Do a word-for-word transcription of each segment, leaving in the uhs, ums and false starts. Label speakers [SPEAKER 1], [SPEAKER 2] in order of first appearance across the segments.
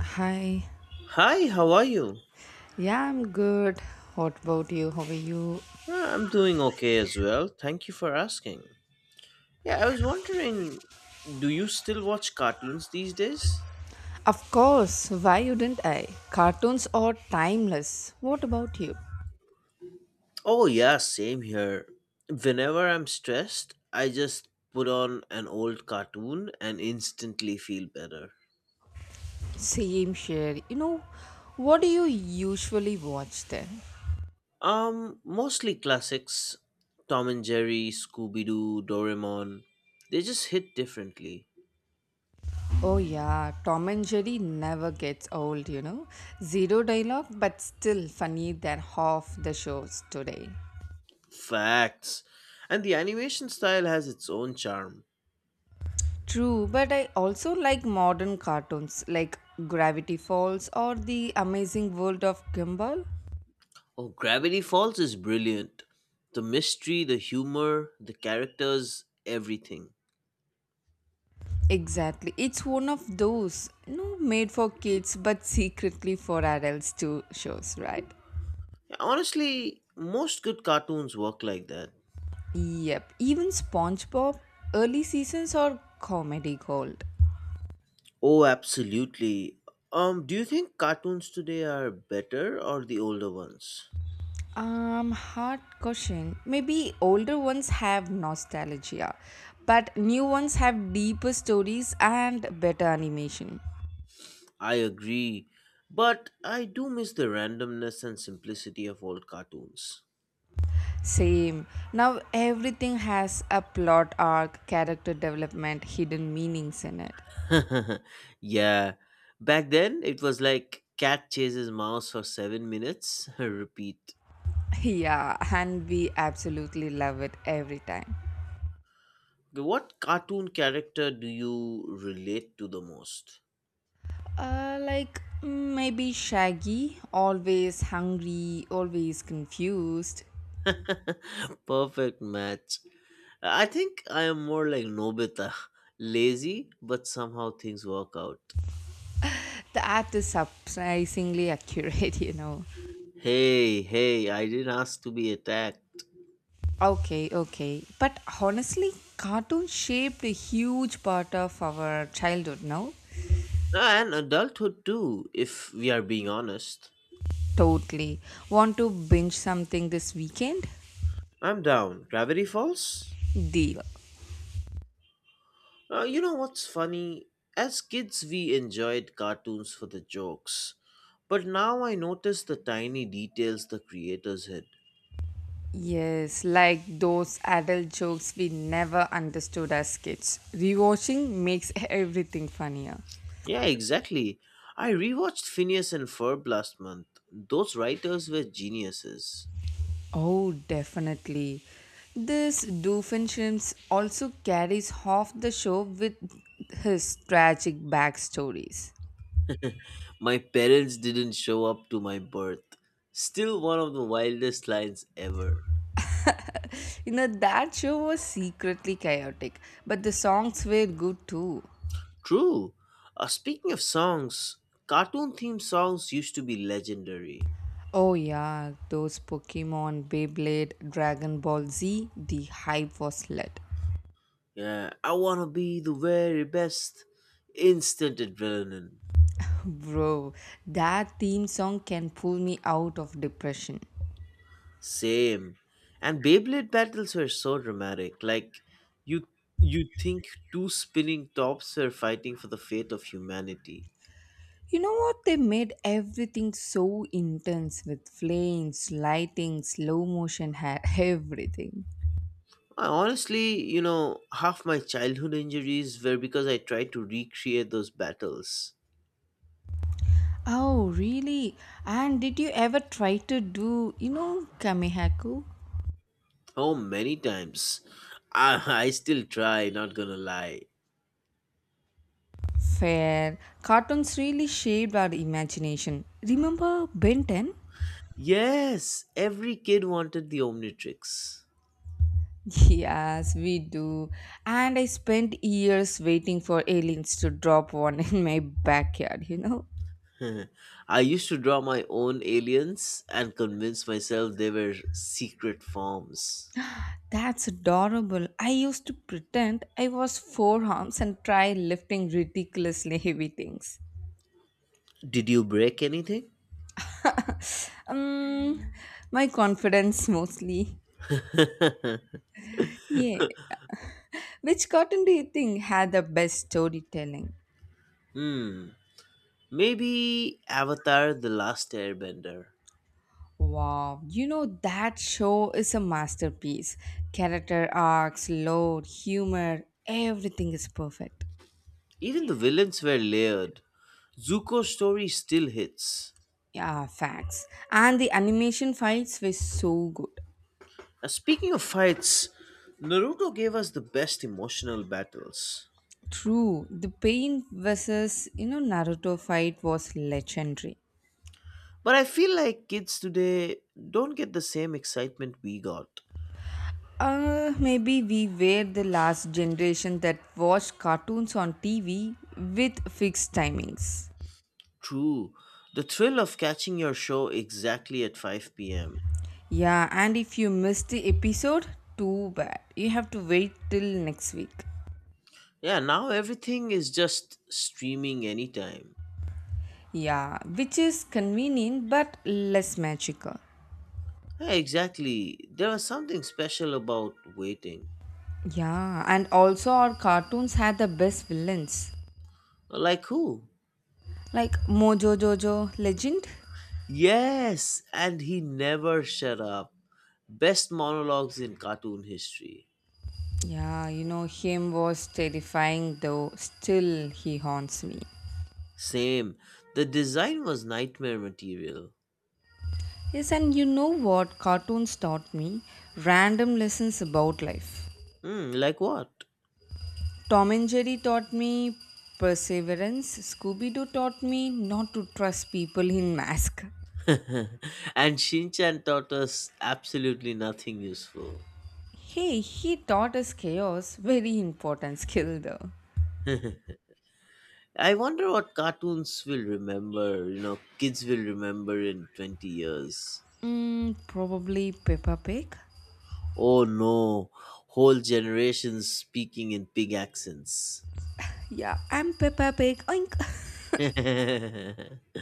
[SPEAKER 1] Hi.
[SPEAKER 2] Hi, how are you?
[SPEAKER 1] Yeah, I'm good. What about you? How are you?
[SPEAKER 2] Uh, I'm doing okay as well. Thank you for asking. Yeah, I was wondering, do you still watch cartoons these days?
[SPEAKER 1] Of course. Why wouldn't I? Cartoons are timeless. What about you?
[SPEAKER 2] Oh, yeah, same here. Whenever I'm stressed, I just put on an old cartoon and instantly feel better.
[SPEAKER 1] Same share. You know, what do you usually watch then?
[SPEAKER 2] Um, mostly classics Tom and Jerry, Scooby Doo, Doraemon. They just hit differently.
[SPEAKER 1] Oh yeah, Tom and Jerry never gets old, you know. Zero dialogue, but still funny than half the shows today.
[SPEAKER 2] Facts. And the animation style has its own charm.
[SPEAKER 1] True, but I also like modern cartoons like Gravity Falls or The Amazing World of Gumball.
[SPEAKER 2] Oh, Gravity Falls is brilliant. The mystery, the humor, the characters, everything.
[SPEAKER 1] Exactly. It's one of those, no, made for kids but secretly for adults too shows, right?
[SPEAKER 2] Honestly, most good cartoons work like that.
[SPEAKER 1] Yep. Even SpongeBob early seasons are comedy gold.
[SPEAKER 2] Oh, absolutely. Um, do you think cartoons today are better or the older ones?
[SPEAKER 1] Um, hard question. Maybe older ones have nostalgia, but new ones have deeper stories and better animation.
[SPEAKER 2] I agree, but I do miss the randomness and simplicity of old cartoons.
[SPEAKER 1] Same. Now everything has a plot arc, character development, hidden meanings in it.
[SPEAKER 2] Yeah, back then it was like cat chases mouse for seven minutes, repeat.
[SPEAKER 1] Yeah, and we absolutely love it every time.
[SPEAKER 2] Okay, what cartoon character do you relate to the most?
[SPEAKER 1] Uh, like mm, maybe Shaggy, always hungry, always confused.
[SPEAKER 2] Perfect match. I think I am more like Nobita. Lazy, but somehow things work out.
[SPEAKER 1] The art is surprisingly accurate, you know.
[SPEAKER 2] Hey, hey, I didn't ask to be attacked.
[SPEAKER 1] Okay, okay. But honestly, cartoons shaped a huge part of our childhood, no?
[SPEAKER 2] Ah, and adulthood too, if we are being honest.
[SPEAKER 1] Totally. Want to binge something this weekend?
[SPEAKER 2] I'm down. Gravity Falls?
[SPEAKER 1] Deal.
[SPEAKER 2] Uh, you know what's funny? As kids, we enjoyed cartoons for the jokes. But now I notice the tiny details the creators hid.
[SPEAKER 1] Yes, like those adult jokes we never understood as kids. Rewatching makes everything funnier.
[SPEAKER 2] Yeah, exactly. I rewatched Phineas and Ferb last month. Those writers were geniuses.
[SPEAKER 1] Oh, definitely. This Doofenshmirtz also carries half the show with his tragic backstories.
[SPEAKER 2] My parents didn't show up to my birth. Still one of the wildest lines ever.
[SPEAKER 1] You know, that show was secretly chaotic, but the songs were good too.
[SPEAKER 2] True. Uh, speaking of songs, cartoon themed songs used to be legendary.
[SPEAKER 1] Oh, yeah, those Pokemon, Beyblade, Dragon Ball Z, the hype was lit.
[SPEAKER 2] Yeah, I wanna be the very best. Instant adrenaline.
[SPEAKER 1] Bro, that theme song can pull me out of depression.
[SPEAKER 2] Same. And Beyblade battles were so dramatic. Like you you think two spinning tops were fighting for the fate of humanity.
[SPEAKER 1] You know what? They made everything so intense with flames, lighting, slow motion, ha- everything.
[SPEAKER 2] I honestly, you know, half my childhood injuries were because I tried to recreate those battles.
[SPEAKER 1] Oh, really? And did you ever try to do, you know, Kamehaku?
[SPEAKER 2] Oh, many times. I, I still try, not gonna lie.
[SPEAKER 1] Fair. Cartoons really shaped our imagination. Remember Ben ten?
[SPEAKER 2] Yes, every kid wanted the Omnitrix.
[SPEAKER 1] Yes, we do. And I spent years waiting for aliens to drop one in my backyard, you know?
[SPEAKER 2] I used to draw my own aliens and convince myself they were secret forms.
[SPEAKER 1] That's adorable. I used to pretend I was four arms and try lifting ridiculously heavy things.
[SPEAKER 2] Did you break anything?
[SPEAKER 1] Um, my confidence mostly. Yeah. Which cartoon do you think had the best storytelling?
[SPEAKER 2] Hmm. Maybe Avatar The Last Airbender.
[SPEAKER 1] Wow, you know that show is a masterpiece. Character arcs, lore, humor, everything is perfect.
[SPEAKER 2] Even the villains were layered. Zuko's story still hits.
[SPEAKER 1] Yeah, facts. And the animation fights were so good.
[SPEAKER 2] Uh, speaking of fights, Naruto gave us the best emotional battles.
[SPEAKER 1] True, the Pain versus you know Naruto fight was legendary.
[SPEAKER 2] But I feel like kids today don't get the same excitement we got.
[SPEAKER 1] Uh, maybe we were the last generation that watched cartoons on T V with fixed timings.
[SPEAKER 2] True. The thrill of catching your show exactly at five p m.
[SPEAKER 1] Yeah, and if you missed the episode, too bad. You have to wait till next week.
[SPEAKER 2] Yeah, now everything is just streaming anytime.
[SPEAKER 1] Yeah, which is convenient but less magical.
[SPEAKER 2] Yeah, exactly. There was something special about waiting.
[SPEAKER 1] Yeah, and also our cartoons had the best villains
[SPEAKER 2] Like who?
[SPEAKER 1] like Mojo Jojo Legend.
[SPEAKER 2] Yes, and he never shut up. Best monologues in cartoon history.
[SPEAKER 1] Yeah, you know, him was terrifying though, still he haunts me.
[SPEAKER 2] Same. The design was nightmare material.
[SPEAKER 1] Yes, and you know what cartoons taught me? Random lessons about life.
[SPEAKER 2] Hmm, like what?
[SPEAKER 1] Tom and Jerry taught me perseverance, Scooby Doo taught me not to trust people in mask.
[SPEAKER 2] And Shinchan taught us absolutely nothing useful.
[SPEAKER 1] Hey, he taught us chaos, very important skill though.
[SPEAKER 2] I wonder what cartoons will remember, you know, kids will remember in twenty years.
[SPEAKER 1] Mm, probably Peppa Pig.
[SPEAKER 2] Oh no, whole generations speaking in pig accents.
[SPEAKER 1] Yeah, I'm Peppa Pig. Oink.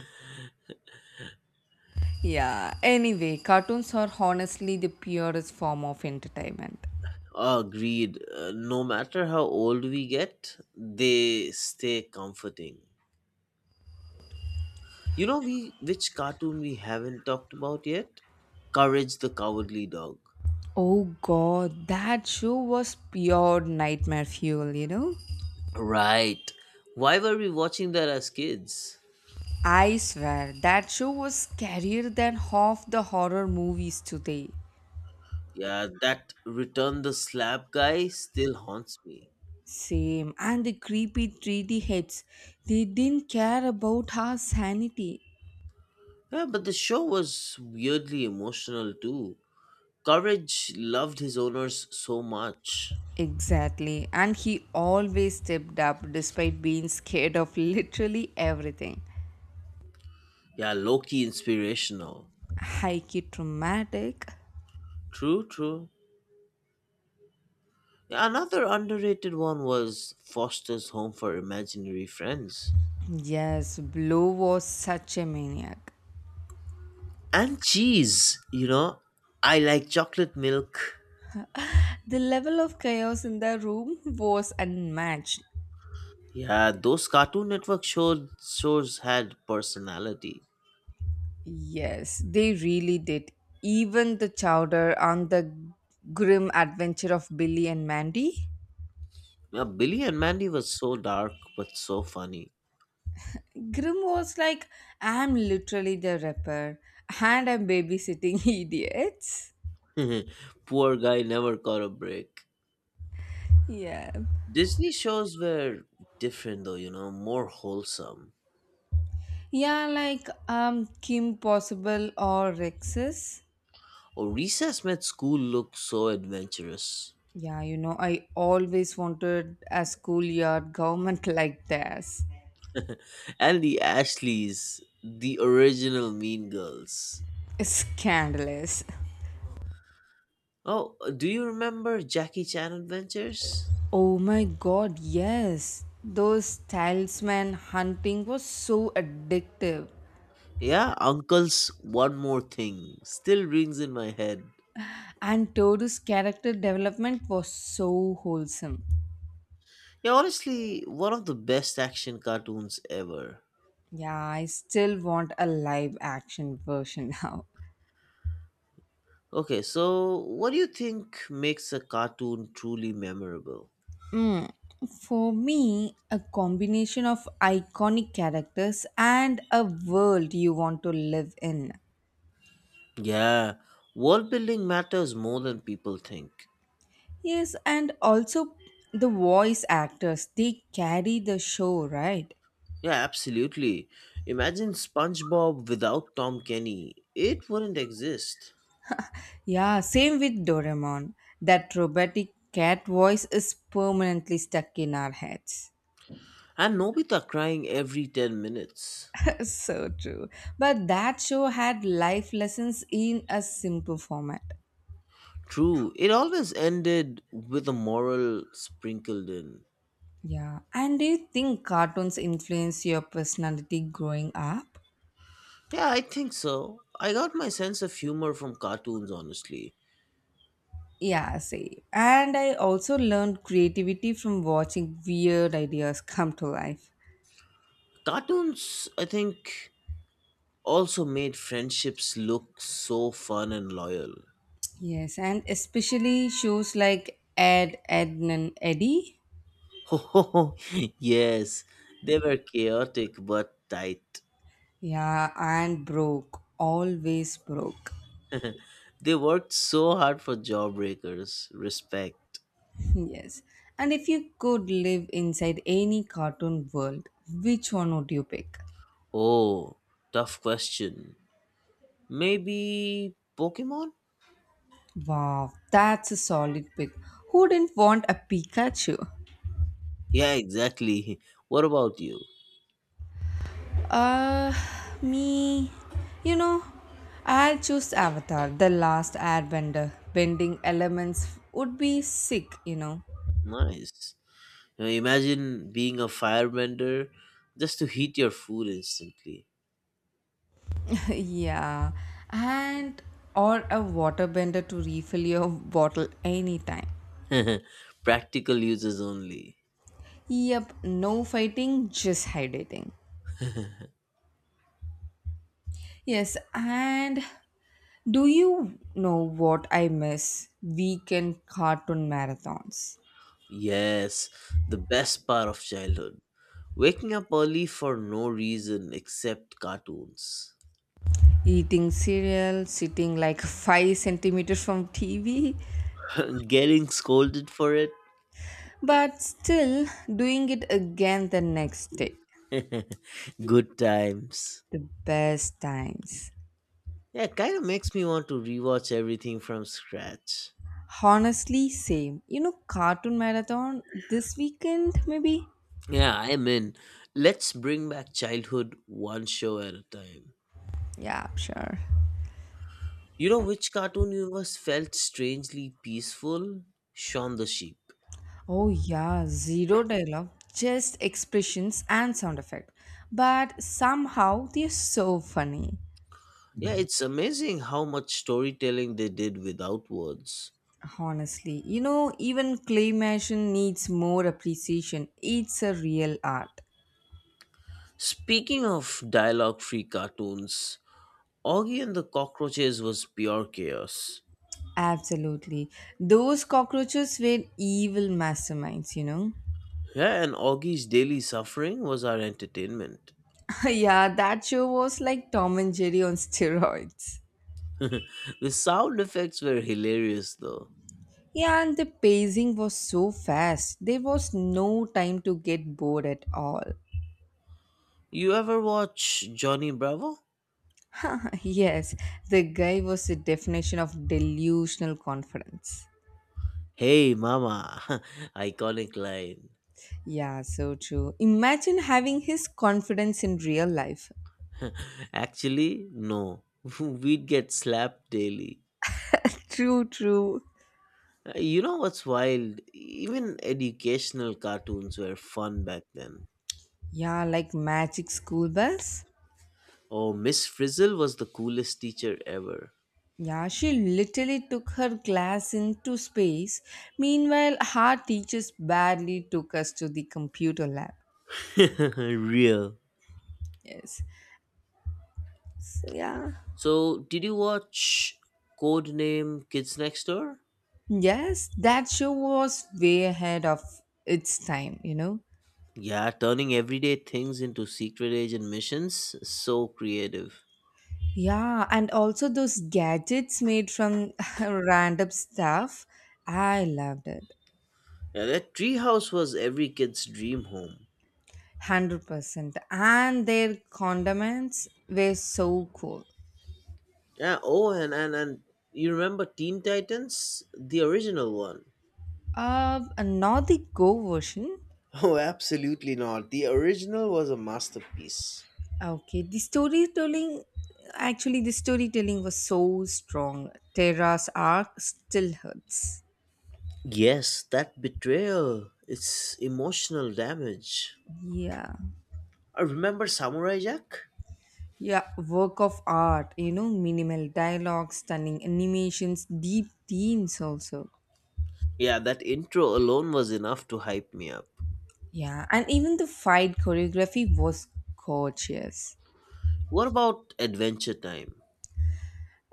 [SPEAKER 1] Yeah, anyway, cartoons are honestly the purest form of entertainment.
[SPEAKER 2] Agreed. Uh, no matter how old we get, they stay comforting. You know, we which cartoon we haven't talked about yet? Courage the Cowardly Dog.
[SPEAKER 1] Oh god, that show was pure nightmare fuel, you know?
[SPEAKER 2] Right. Why were we watching that as kids?
[SPEAKER 1] I swear, that show was scarier than half the horror movies today.
[SPEAKER 2] Yeah, that Return the Slab guy still haunts me.
[SPEAKER 1] Same, and the creepy three D heads, they didn't care about our sanity.
[SPEAKER 2] Yeah, but the show was weirdly emotional too. Courage loved his owners so much.
[SPEAKER 1] Exactly, and he always stepped up despite being scared of literally everything.
[SPEAKER 2] Yeah, Loki inspirational.
[SPEAKER 1] Hikey traumatic.
[SPEAKER 2] True, true. Yeah, another underrated one was Foster's Home for Imaginary Friends.
[SPEAKER 1] Yes, Blue was such a maniac.
[SPEAKER 2] And cheese, you know. I like chocolate milk.
[SPEAKER 1] The level of chaos in the room was unmatched.
[SPEAKER 2] Yeah, those Cartoon Network show, shows had personality.
[SPEAKER 1] Yes, they really did. Even the chowder on the grim adventure of Billy and Mandy.
[SPEAKER 2] Yeah, Billy and Mandy was so dark but so funny.
[SPEAKER 1] Grim was like, I'm literally the rapper and I'm babysitting idiots.
[SPEAKER 2] Poor guy never caught a break.
[SPEAKER 1] Yeah.
[SPEAKER 2] Disney shows were different though, you know, more wholesome.
[SPEAKER 1] Yeah, like um Kim Possible or Rexus.
[SPEAKER 2] Oh, Recess made school look so adventurous.
[SPEAKER 1] Yeah, you know, I always wanted a schoolyard government like this.
[SPEAKER 2] And the Ashleys, the original Mean Girls.
[SPEAKER 1] Scandalous.
[SPEAKER 2] Oh, do you remember Jackie Chan Adventures?
[SPEAKER 1] Oh my god, yes. Those talisman hunting was so addictive.
[SPEAKER 2] Yeah, Uncle's One More Thing still rings in my head.
[SPEAKER 1] And Toru's character development was so wholesome.
[SPEAKER 2] Yeah, honestly, one of the best action cartoons ever.
[SPEAKER 1] Yeah, I still want a live action version now.
[SPEAKER 2] Okay, so what do you think makes a cartoon truly memorable?
[SPEAKER 1] Mm. For me, a combination of iconic characters and a world you want to live in.
[SPEAKER 2] Yeah, world building matters more than people think.
[SPEAKER 1] Yes, and also the voice actors, they carry the show, right?
[SPEAKER 2] Yeah, absolutely. Imagine SpongeBob without Tom Kenny. It wouldn't exist.
[SPEAKER 1] Yeah, same with Doraemon. That robotic cat voice is permanently stuck in our heads.
[SPEAKER 2] And Nobita crying every ten minutes.
[SPEAKER 1] so true. But that show had life lessons in a simple format.
[SPEAKER 2] True, it always ended with a moral sprinkled in.
[SPEAKER 1] Yeah, and do you think cartoons influence your personality growing up?
[SPEAKER 2] Yeah, I think so. I got my sense of humor from cartoons, honestly.
[SPEAKER 1] Yeah, same. And I also learned creativity from watching weird ideas come to life.
[SPEAKER 2] Cartoons, I think, also made friendships look so fun and loyal.
[SPEAKER 1] Yes, and especially shows like Ed, Ednan, Eddie.
[SPEAKER 2] Yes, they were chaotic but tight.
[SPEAKER 1] Yeah, and broke. Always broke.
[SPEAKER 2] They worked so hard for jawbreakers. Respect.
[SPEAKER 1] yes. And if you could live inside any cartoon world, which one would you pick?
[SPEAKER 2] Oh, tough question. Maybe Pokemon?
[SPEAKER 1] Wow, that's a solid pick. Who didn't want a Pikachu?
[SPEAKER 2] Yeah, exactly. What about you?
[SPEAKER 1] Uh, Me. You know, I'll choose Avatar, the last airbender. Bending elements would be sick, you know.
[SPEAKER 2] Nice. Now imagine being a firebender just to heat your food instantly.
[SPEAKER 1] yeah, and or a water bender to refill your bottle anytime.
[SPEAKER 2] Practical uses only.
[SPEAKER 1] Yep, no fighting, just hydrating. Yes, and do you know what I miss? Weekend cartoon marathons.
[SPEAKER 2] Yes, the best part of childhood. Waking up early for no reason except cartoons.
[SPEAKER 1] Eating cereal, sitting like five centimeters from T V,
[SPEAKER 2] Getting scolded for it.
[SPEAKER 1] but still doing it again the next day.
[SPEAKER 2] Good times.
[SPEAKER 1] The best times.
[SPEAKER 2] Yeah, kind of makes me want to rewatch everything from scratch.
[SPEAKER 1] Honestly, same. You know, cartoon marathon this weekend, maybe?
[SPEAKER 2] Yeah, I'm in. Let's bring back childhood one show at a time.
[SPEAKER 1] Yeah, sure.
[SPEAKER 2] You know which Cartoon Universe felt strangely peaceful? Shaun the Sheep.
[SPEAKER 1] Oh, yeah, zero dialogue, just expressions and sound effect. But somehow they're so funny.
[SPEAKER 2] Yeah, it's amazing how much storytelling they did without words.
[SPEAKER 1] Honestly, you know, even claymation needs more appreciation. It's a real art.
[SPEAKER 2] Speaking of dialogue free cartoons, Augie and the Cockroaches was pure chaos.
[SPEAKER 1] Absolutely. Those cockroaches were evil masterminds, you know?
[SPEAKER 2] Yeah, and Augie's daily suffering was our entertainment.
[SPEAKER 1] yeah, that show was like Tom and Jerry on steroids.
[SPEAKER 2] The sound effects were hilarious though.
[SPEAKER 1] Yeah, and the pacing was so fast. There was no time to get bored at all.
[SPEAKER 2] You ever watch Johnny Bravo?
[SPEAKER 1] yes, the guy was the definition of delusional confidence.
[SPEAKER 2] Hey mama, iconic line.
[SPEAKER 1] Yeah, so true. Imagine having his confidence in real life.
[SPEAKER 2] Actually, no. We'd get slapped daily.
[SPEAKER 1] True, true.
[SPEAKER 2] Uh, You know what's wild? Even educational cartoons were fun back then.
[SPEAKER 1] Yeah, like magic school bus.
[SPEAKER 2] Oh, Miss Frizzle was the coolest teacher ever.
[SPEAKER 1] Yeah, she literally took her class into space. Meanwhile, her teachers barely took us to the computer lab.
[SPEAKER 2] Real.
[SPEAKER 1] Yes. So, yeah.
[SPEAKER 2] So, did you watch Codename Kids Next Door?
[SPEAKER 1] Yes, that show was way ahead of its time, you know.
[SPEAKER 2] Yeah, turning everyday things into secret agent missions. So creative.
[SPEAKER 1] Yeah, and also those gadgets made from random stuff. I loved it.
[SPEAKER 2] Yeah, that treehouse was every kid's dream home.
[SPEAKER 1] one hundred percent. And their condiments were so cool.
[SPEAKER 2] Yeah, oh, and, and, and you remember Teen Titans? The original one.
[SPEAKER 1] Uh, not the Go version.
[SPEAKER 2] Oh, absolutely not. The original was a masterpiece.
[SPEAKER 1] Okay, the storytelling, actually, the storytelling was so strong. Terra's arc still hurts.
[SPEAKER 2] Yes, that betrayal. It's emotional damage.
[SPEAKER 1] Yeah.
[SPEAKER 2] Uh, Remember Samurai Jack?
[SPEAKER 1] Yeah, work of art, you know, minimal dialogue, stunning animations, deep themes also.
[SPEAKER 2] Yeah, that intro alone was enough to hype me up.
[SPEAKER 1] Yeah, and even the fight choreography was gorgeous.
[SPEAKER 2] What about Adventure Time?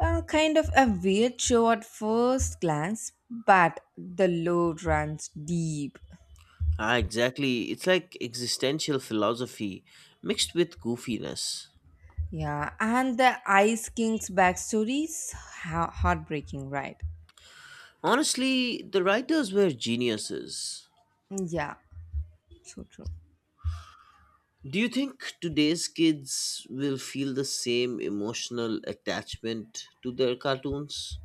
[SPEAKER 1] Uh, kind of a weird show at first glance, but the lore runs deep.
[SPEAKER 2] Ah, exactly. It's like existential philosophy mixed with goofiness.
[SPEAKER 1] Yeah, and the Ice King's backstory is ha- heartbreaking, right?
[SPEAKER 2] Honestly, the writers were geniuses.
[SPEAKER 1] Yeah, so true.
[SPEAKER 2] Do you think today's kids will feel the same emotional attachment to their cartoons?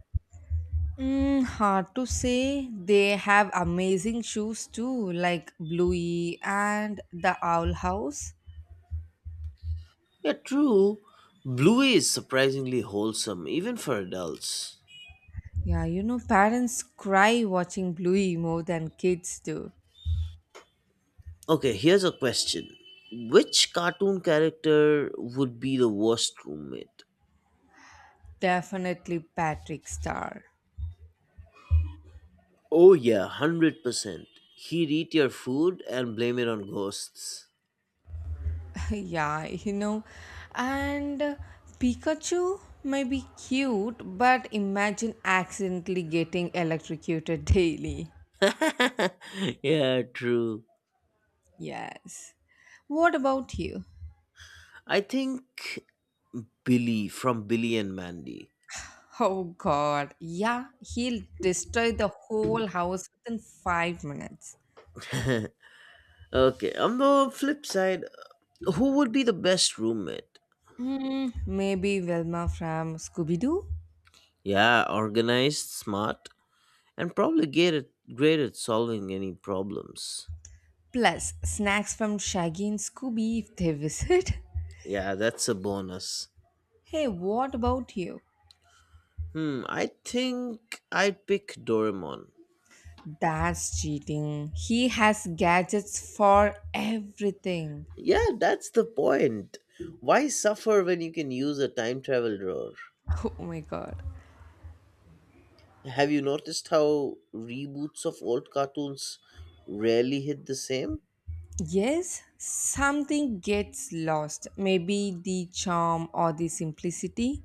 [SPEAKER 1] Mm, hard to say. They have amazing shoes too, like Bluey and the Owl House.
[SPEAKER 2] Yeah, true. Bluey is surprisingly wholesome, even for adults.
[SPEAKER 1] Yeah, you know, parents cry watching Bluey more than kids do.
[SPEAKER 2] Okay, here's a question. Which cartoon character would be the worst roommate?
[SPEAKER 1] Definitely Patrick Star.
[SPEAKER 2] Oh, yeah, one hundred percent. He'd eat your food and blame it on ghosts.
[SPEAKER 1] yeah, you know, and uh, Pikachu may be cute, but imagine accidentally getting electrocuted daily.
[SPEAKER 2] Yeah, true.
[SPEAKER 1] Yes. What about you?
[SPEAKER 2] I think Billy from Billy and Mandy.
[SPEAKER 1] Oh God. Yeah, he'll destroy the whole house within five minutes.
[SPEAKER 2] Okay, on the flip side, who would be the best roommate?
[SPEAKER 1] Hmm, maybe Velma from Scooby Doo?
[SPEAKER 2] Yeah, organized, smart, and probably great at, great at solving any problems.
[SPEAKER 1] Plus, snacks from Shaggy and Scooby if they visit.
[SPEAKER 2] Yeah, that's a bonus.
[SPEAKER 1] Hey, what about you?
[SPEAKER 2] Hmm, I think I'd pick Doraemon.
[SPEAKER 1] That's cheating. He has gadgets for everything.
[SPEAKER 2] Yeah, that's the point. Why suffer when you can use a time travel drawer?
[SPEAKER 1] Oh my god.
[SPEAKER 2] Have you noticed how reboots of old cartoons rarely hit the same?
[SPEAKER 1] Yes, something gets lost. Maybe the charm or the simplicity.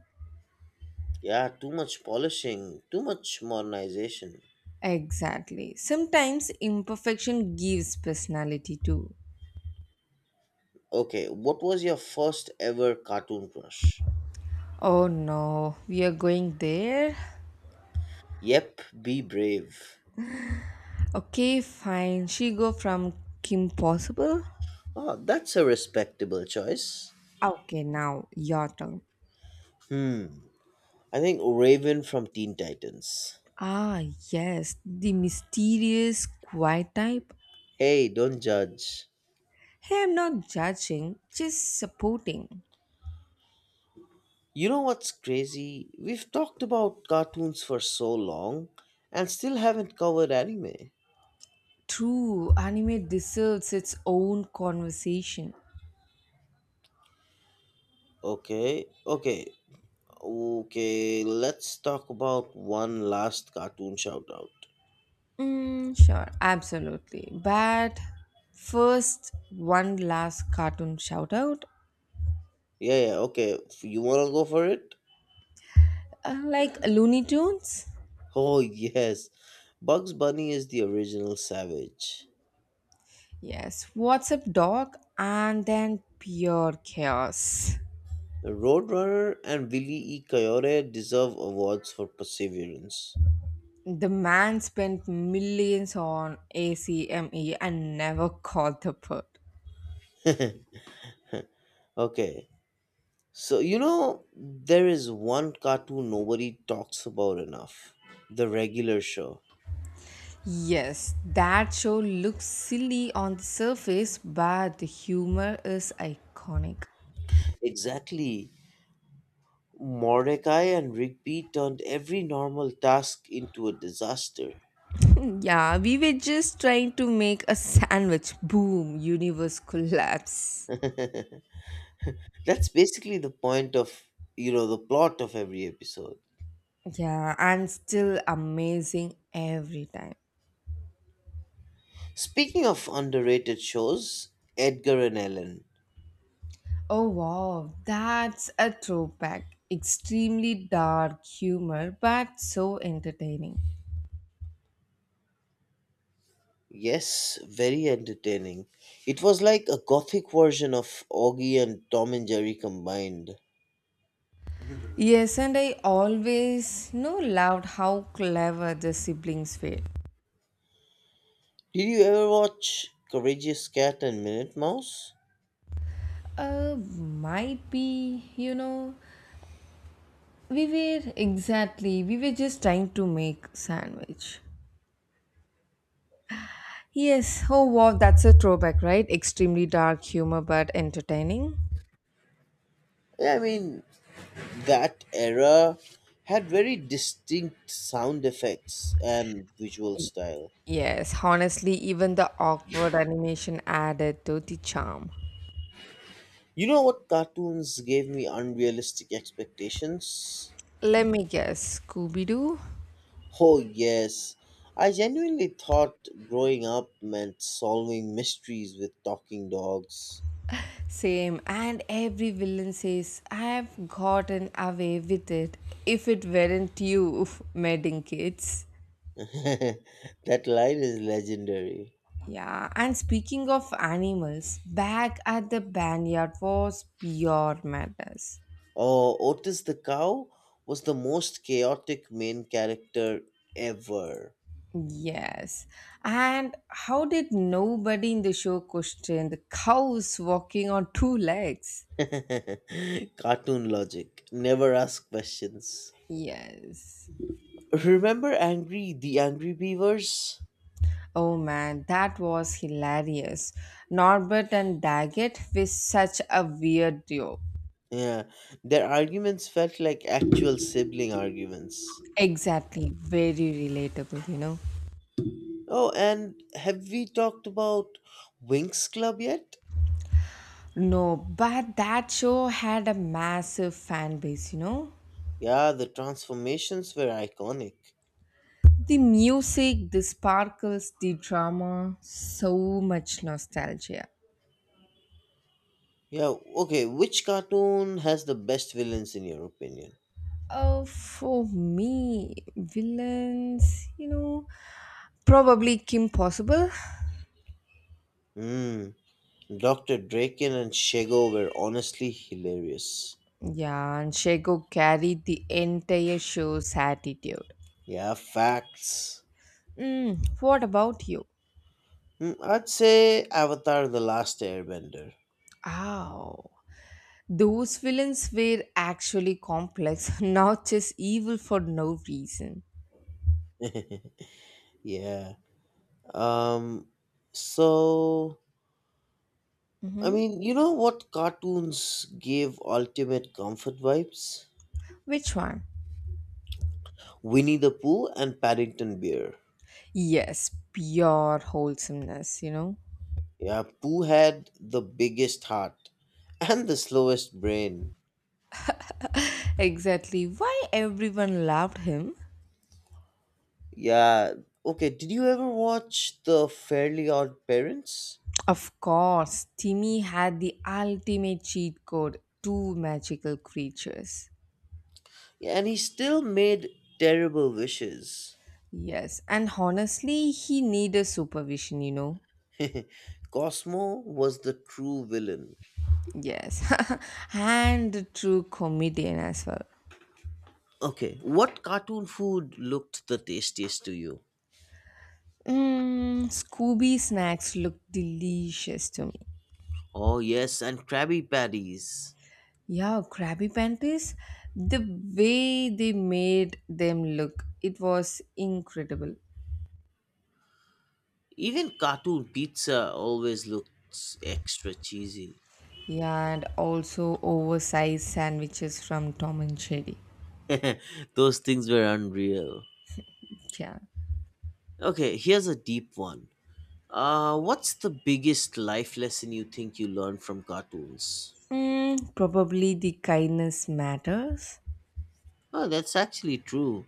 [SPEAKER 2] Yeah, too much polishing, too much modernization.
[SPEAKER 1] Exactly. Sometimes imperfection gives personality too.
[SPEAKER 2] Okay, what was your first ever cartoon crush?
[SPEAKER 1] Oh no, we are going there.
[SPEAKER 2] Yep, be brave.
[SPEAKER 1] Okay, fine. She go from Kim Possible.
[SPEAKER 2] Oh, that's a respectable choice.
[SPEAKER 1] Okay, now your turn.
[SPEAKER 2] Hmm, I think Raven from Teen Titans.
[SPEAKER 1] Ah, yes, the mysterious quiet type.
[SPEAKER 2] Hey, don't judge.
[SPEAKER 1] Hey, I'm not judging, just supporting.
[SPEAKER 2] You know what's crazy? We've talked about cartoons for so long and still haven't covered anime.
[SPEAKER 1] True, anime deserves its own conversation.
[SPEAKER 2] Okay, okay, okay, let's talk about one last cartoon shout out.
[SPEAKER 1] Mm, sure, absolutely. But first, one last cartoon shout out
[SPEAKER 2] Yeah, yeah, okay, you wanna go for it?
[SPEAKER 1] uh, like Looney Tunes.
[SPEAKER 2] Oh, yes. Bugs Bunny is the original savage.
[SPEAKER 1] Yes, What's Up Dog, and then pure chaos.
[SPEAKER 2] Roadrunner and Billy E. Coyote deserve awards for perseverance.
[SPEAKER 1] The man spent millions on ACME and never caught the bird.
[SPEAKER 2] Okay, so, you know, there is one cartoon nobody talks about enough: The Regular Show.
[SPEAKER 1] Yes, that show looks silly on the surface, but the humor is iconic.
[SPEAKER 2] Exactly. Mordecai and Rigby turned every normal task into a disaster.
[SPEAKER 1] Yeah, we were just trying to make a sandwich. Boom, universe collapse.
[SPEAKER 2] That's basically the point of, you know, the plot of every episode.
[SPEAKER 1] Yeah, and still amazing every time.
[SPEAKER 2] Speaking of underrated shows, Edgar and Ellen.
[SPEAKER 1] Oh wow, that's a throwback. Extremely dark humor, but so entertaining.
[SPEAKER 2] Yes, very entertaining. It was like a gothic version of Augie and Tom and Jerry combined.
[SPEAKER 1] Yes, and I always no, loved how clever the siblings were.
[SPEAKER 2] Did you ever watch Courageous Cat and Minute Mouse?
[SPEAKER 1] Uh, might be, you know, we were exactly, we were just trying to make sandwich. Yes. Oh, wow. That's a throwback, right? Extremely dark humor, but entertaining.
[SPEAKER 2] Yeah, I mean, that era had very distinct sound effects and visual
[SPEAKER 1] Y-
[SPEAKER 2] style.
[SPEAKER 1] Yes. Honestly, even the awkward animation added to the charm.
[SPEAKER 2] You know what cartoons gave me unrealistic expectations?
[SPEAKER 1] Let me guess. Scooby Doo?
[SPEAKER 2] Oh, yes. I genuinely thought growing up meant solving mysteries with talking dogs.
[SPEAKER 1] Same. And every villain says, I've gotten away with it. If it weren't you, medding kids.
[SPEAKER 2] That line is legendary.
[SPEAKER 1] Yeah, and speaking of animals, back at the barnyard was pure madness.
[SPEAKER 2] Oh, Otis the cow was the most chaotic main character ever.
[SPEAKER 1] Yes. And how did nobody in the show question the cows walking on two legs?
[SPEAKER 2] Cartoon logic. Never ask questions.
[SPEAKER 1] Yes.
[SPEAKER 2] Remember Angry the Angry Beavers?
[SPEAKER 1] Oh man, that was hilarious. Norbert and Daggett were such a weird duo.
[SPEAKER 2] Yeah, their arguments felt like actual sibling arguments.
[SPEAKER 1] Exactly, very relatable, you know.
[SPEAKER 2] Oh, and have we talked about Winx Club yet?
[SPEAKER 1] No, but that show had a massive fan base, you know.
[SPEAKER 2] Yeah, the transformations were iconic.
[SPEAKER 1] The music, the sparkles, the drama, so much nostalgia.
[SPEAKER 2] Yeah, okay, which cartoon has the best villains in your opinion?
[SPEAKER 1] Uh, for me, villains, you know, probably Kim Possible.
[SPEAKER 2] Hmm. doctor Draken and Shego were honestly hilarious.
[SPEAKER 1] Yeah, and Shego carried the entire show's attitude.
[SPEAKER 2] Yeah, facts.
[SPEAKER 1] Mm, what about you?
[SPEAKER 2] Mm, I'd say Avatar The Last Airbender.
[SPEAKER 1] Oh, those villains were actually complex, not just evil for no reason.
[SPEAKER 2] Yeah. Um so I
[SPEAKER 1] Hmm.
[SPEAKER 2] mean, you know what cartoons gave ultimate comfort vibes?
[SPEAKER 1] Which one?
[SPEAKER 2] Winnie the Pooh and Paddington Bear.
[SPEAKER 1] Yes, pure wholesomeness, you know.
[SPEAKER 2] Yeah, Pooh had the biggest heart and the slowest brain.
[SPEAKER 1] Exactly why everyone loved him.
[SPEAKER 2] Yeah. Okay, did you ever watch The Fairly Odd Parents?
[SPEAKER 1] Of course, Timmy had the ultimate cheat code two magical creatures.
[SPEAKER 2] And he still made terrible wishes.
[SPEAKER 1] Yes, and honestly, he needed supervision, you know.
[SPEAKER 2] Cosmo was the true villain.
[SPEAKER 1] Yes, and a true comedian as well.
[SPEAKER 2] Okay, what cartoon food looked the tastiest to you?
[SPEAKER 1] Mm, Scooby snacks look delicious to me.
[SPEAKER 2] Oh, yes, and Krabby Patties.
[SPEAKER 1] Yeah, Krabby Panties, the way they made them look, it was incredible.
[SPEAKER 2] Even cartoon pizza always looks extra cheesy.
[SPEAKER 1] Yeah, and also oversized sandwiches from Tom and Jerry.
[SPEAKER 2] Those things were unreal.
[SPEAKER 1] Yeah.
[SPEAKER 2] Okay, here's a deep one. Uh, what's the biggest life lesson you think you learned from cartoons?
[SPEAKER 1] Mm, probably the kindness matters.
[SPEAKER 2] Oh, that's actually true.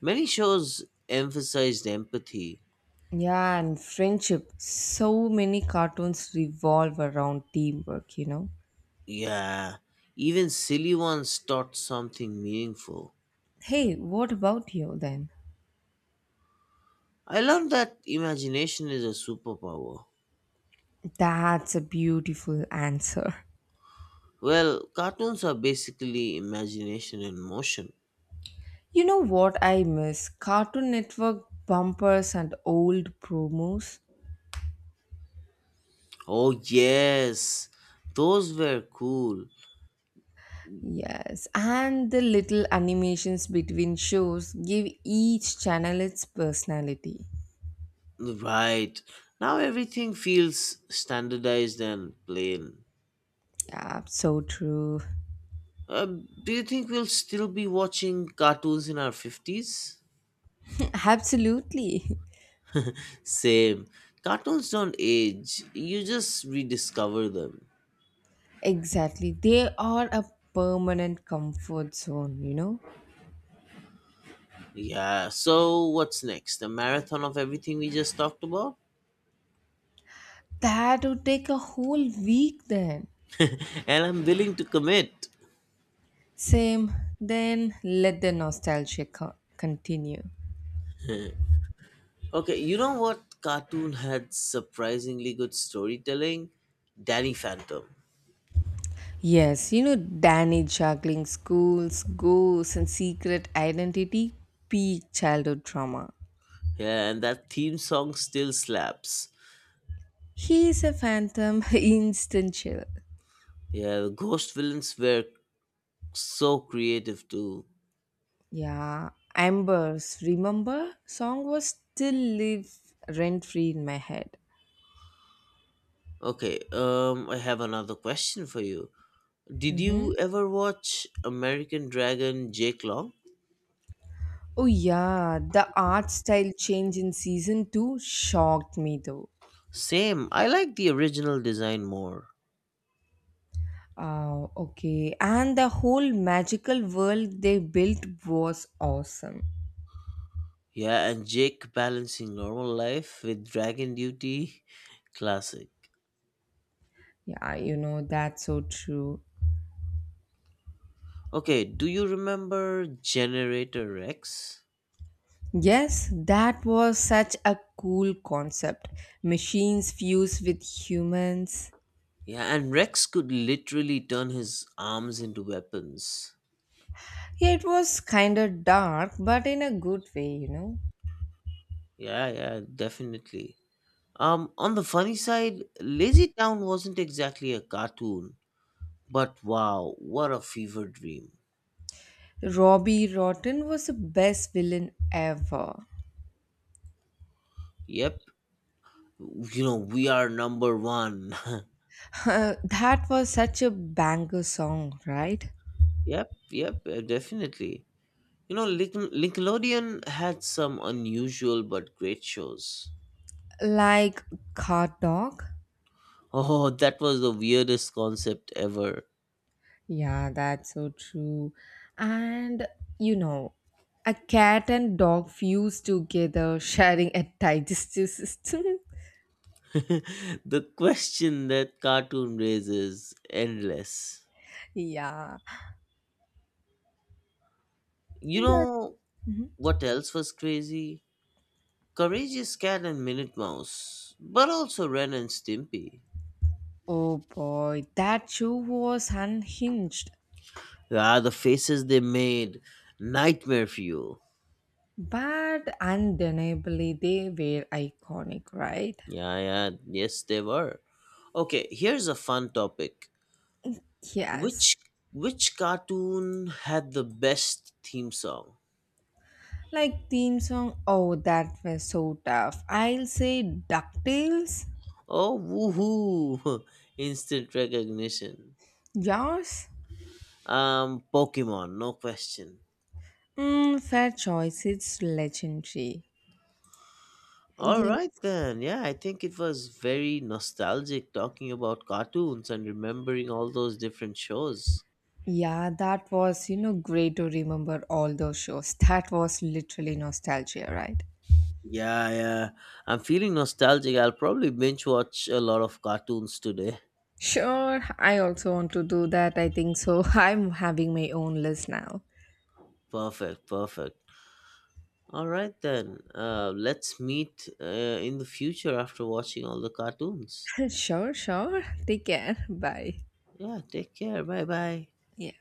[SPEAKER 2] Many shows emphasized empathy.
[SPEAKER 1] Yeah, and friendship. So many cartoons revolve around teamwork, you know.
[SPEAKER 2] Yeah, even silly ones taught something meaningful.
[SPEAKER 1] Hey, what about you then?
[SPEAKER 2] I learned that imagination is a superpower.
[SPEAKER 1] That's a beautiful answer.
[SPEAKER 2] Well, cartoons are basically imagination in motion.
[SPEAKER 1] You know what I miss? Cartoon Network bumpers and old promos.
[SPEAKER 2] Oh, yes, those were cool.
[SPEAKER 1] Yes, and the little animations between shows give each channel its personality.
[SPEAKER 2] Right, now everything feels standardized and plain.
[SPEAKER 1] Yeah, so true.
[SPEAKER 2] Uh, do you think we'll still be watching cartoons in our fifties?
[SPEAKER 1] Absolutely.
[SPEAKER 2] Same. Cartoons don't age, you just rediscover them.
[SPEAKER 1] Exactly. They are a permanent comfort zone, you know?
[SPEAKER 2] Yeah, so what's next? A marathon of everything we just talked about?
[SPEAKER 1] That would take a whole week then.
[SPEAKER 2] And I'm willing to commit.
[SPEAKER 1] Same, then let the nostalgia co- continue.
[SPEAKER 2] Okay, you know what cartoon had surprisingly good storytelling? Danny Phantom.
[SPEAKER 1] Yes, you know, Danny juggling schools, ghosts, and secret identity, peak childhood trauma.
[SPEAKER 2] Yeah, and that theme song still slaps.
[SPEAKER 1] He's a phantom, instant chill.
[SPEAKER 2] Yeah, the ghost villains were so creative too.
[SPEAKER 1] Yeah, Amber's Remember song was still live rent free in my head.
[SPEAKER 2] Okay, um I have another question for you. Did you
[SPEAKER 1] Mm-hmm.
[SPEAKER 2] ever watch American Dragon Jake Long?
[SPEAKER 1] Oh yeah, the art style change in season two shocked me though.
[SPEAKER 2] Same, I like the original design more.
[SPEAKER 1] Oh, okay, and the whole magical world they built was awesome.
[SPEAKER 2] Yeah, and Jake balancing normal life with dragon duty, classic.
[SPEAKER 1] Yeah, you know, that's so true.
[SPEAKER 2] Okay, do you remember Generator Rex?
[SPEAKER 1] Yes, that was such a cool concept. Machines fused with humans.
[SPEAKER 2] Yeah, and Rex could literally turn his arms into weapons.
[SPEAKER 1] Yeah, it was kind of dark, but in a good way, you know.
[SPEAKER 2] Yeah, yeah, definitely. Um, on the funny side, Lazy Town wasn't exactly a cartoon, but wow, what a fever dream.
[SPEAKER 1] Robbie Rotten was the best villain ever.
[SPEAKER 2] Yep, you know we are number one.
[SPEAKER 1] Uh, that was such a banger song, right?
[SPEAKER 2] Yep, yep, uh, definitely. You know Link- nickelodeon had some unusual but great shows.
[SPEAKER 1] Like Cat Dog.
[SPEAKER 2] Oh, that was the weirdest concept ever.
[SPEAKER 1] Yeah, that's so true. And you know, a cat and dog fused together, sharing a digestive system.
[SPEAKER 2] The question that cartoon raises endless.
[SPEAKER 1] yeah.
[SPEAKER 2] You
[SPEAKER 1] That-
[SPEAKER 2] know
[SPEAKER 1] Mhm.
[SPEAKER 2] what else was crazy? Courageous Cat and Minute Mouse, but also Ren and Stimpy.
[SPEAKER 1] Oh boy, that show was unhinged,
[SPEAKER 2] Ah, the faces they made, nightmare fuel.
[SPEAKER 1] but undeniably they were iconic, right?
[SPEAKER 2] Yeah, yeah, yes, they were. Okay, here's a fun topic. Which
[SPEAKER 1] Yes.
[SPEAKER 2] which cartoon had the best theme song?
[SPEAKER 1] Like theme song. Oh, that was so tough. I'll say DuckTales.
[SPEAKER 2] Oh, woohoo! Instant recognition.
[SPEAKER 1] Yours?
[SPEAKER 2] Um, Pokemon, no question.
[SPEAKER 1] Mm, fair choice. It's legendary.
[SPEAKER 2] All right
[SPEAKER 1] Yeah.
[SPEAKER 2] then. Yeah, I think it was very nostalgic talking about cartoons and remembering all those different shows.
[SPEAKER 1] Yeah, that was, you know, great to remember all those shows. That was literally nostalgia, right?
[SPEAKER 2] Yeah, yeah. I'm feeling nostalgic. I'll probably binge watch a lot of cartoons today.
[SPEAKER 1] Sure, I also want to do that. I think so. I'm having my own list now.
[SPEAKER 2] Perfect, perfect. All right then. Uh, let's meet uh, in the future after watching all the cartoons.
[SPEAKER 1] sure, sure. Take care. Bye.
[SPEAKER 2] Yeah, take care. Bye bye.
[SPEAKER 1] Yeah.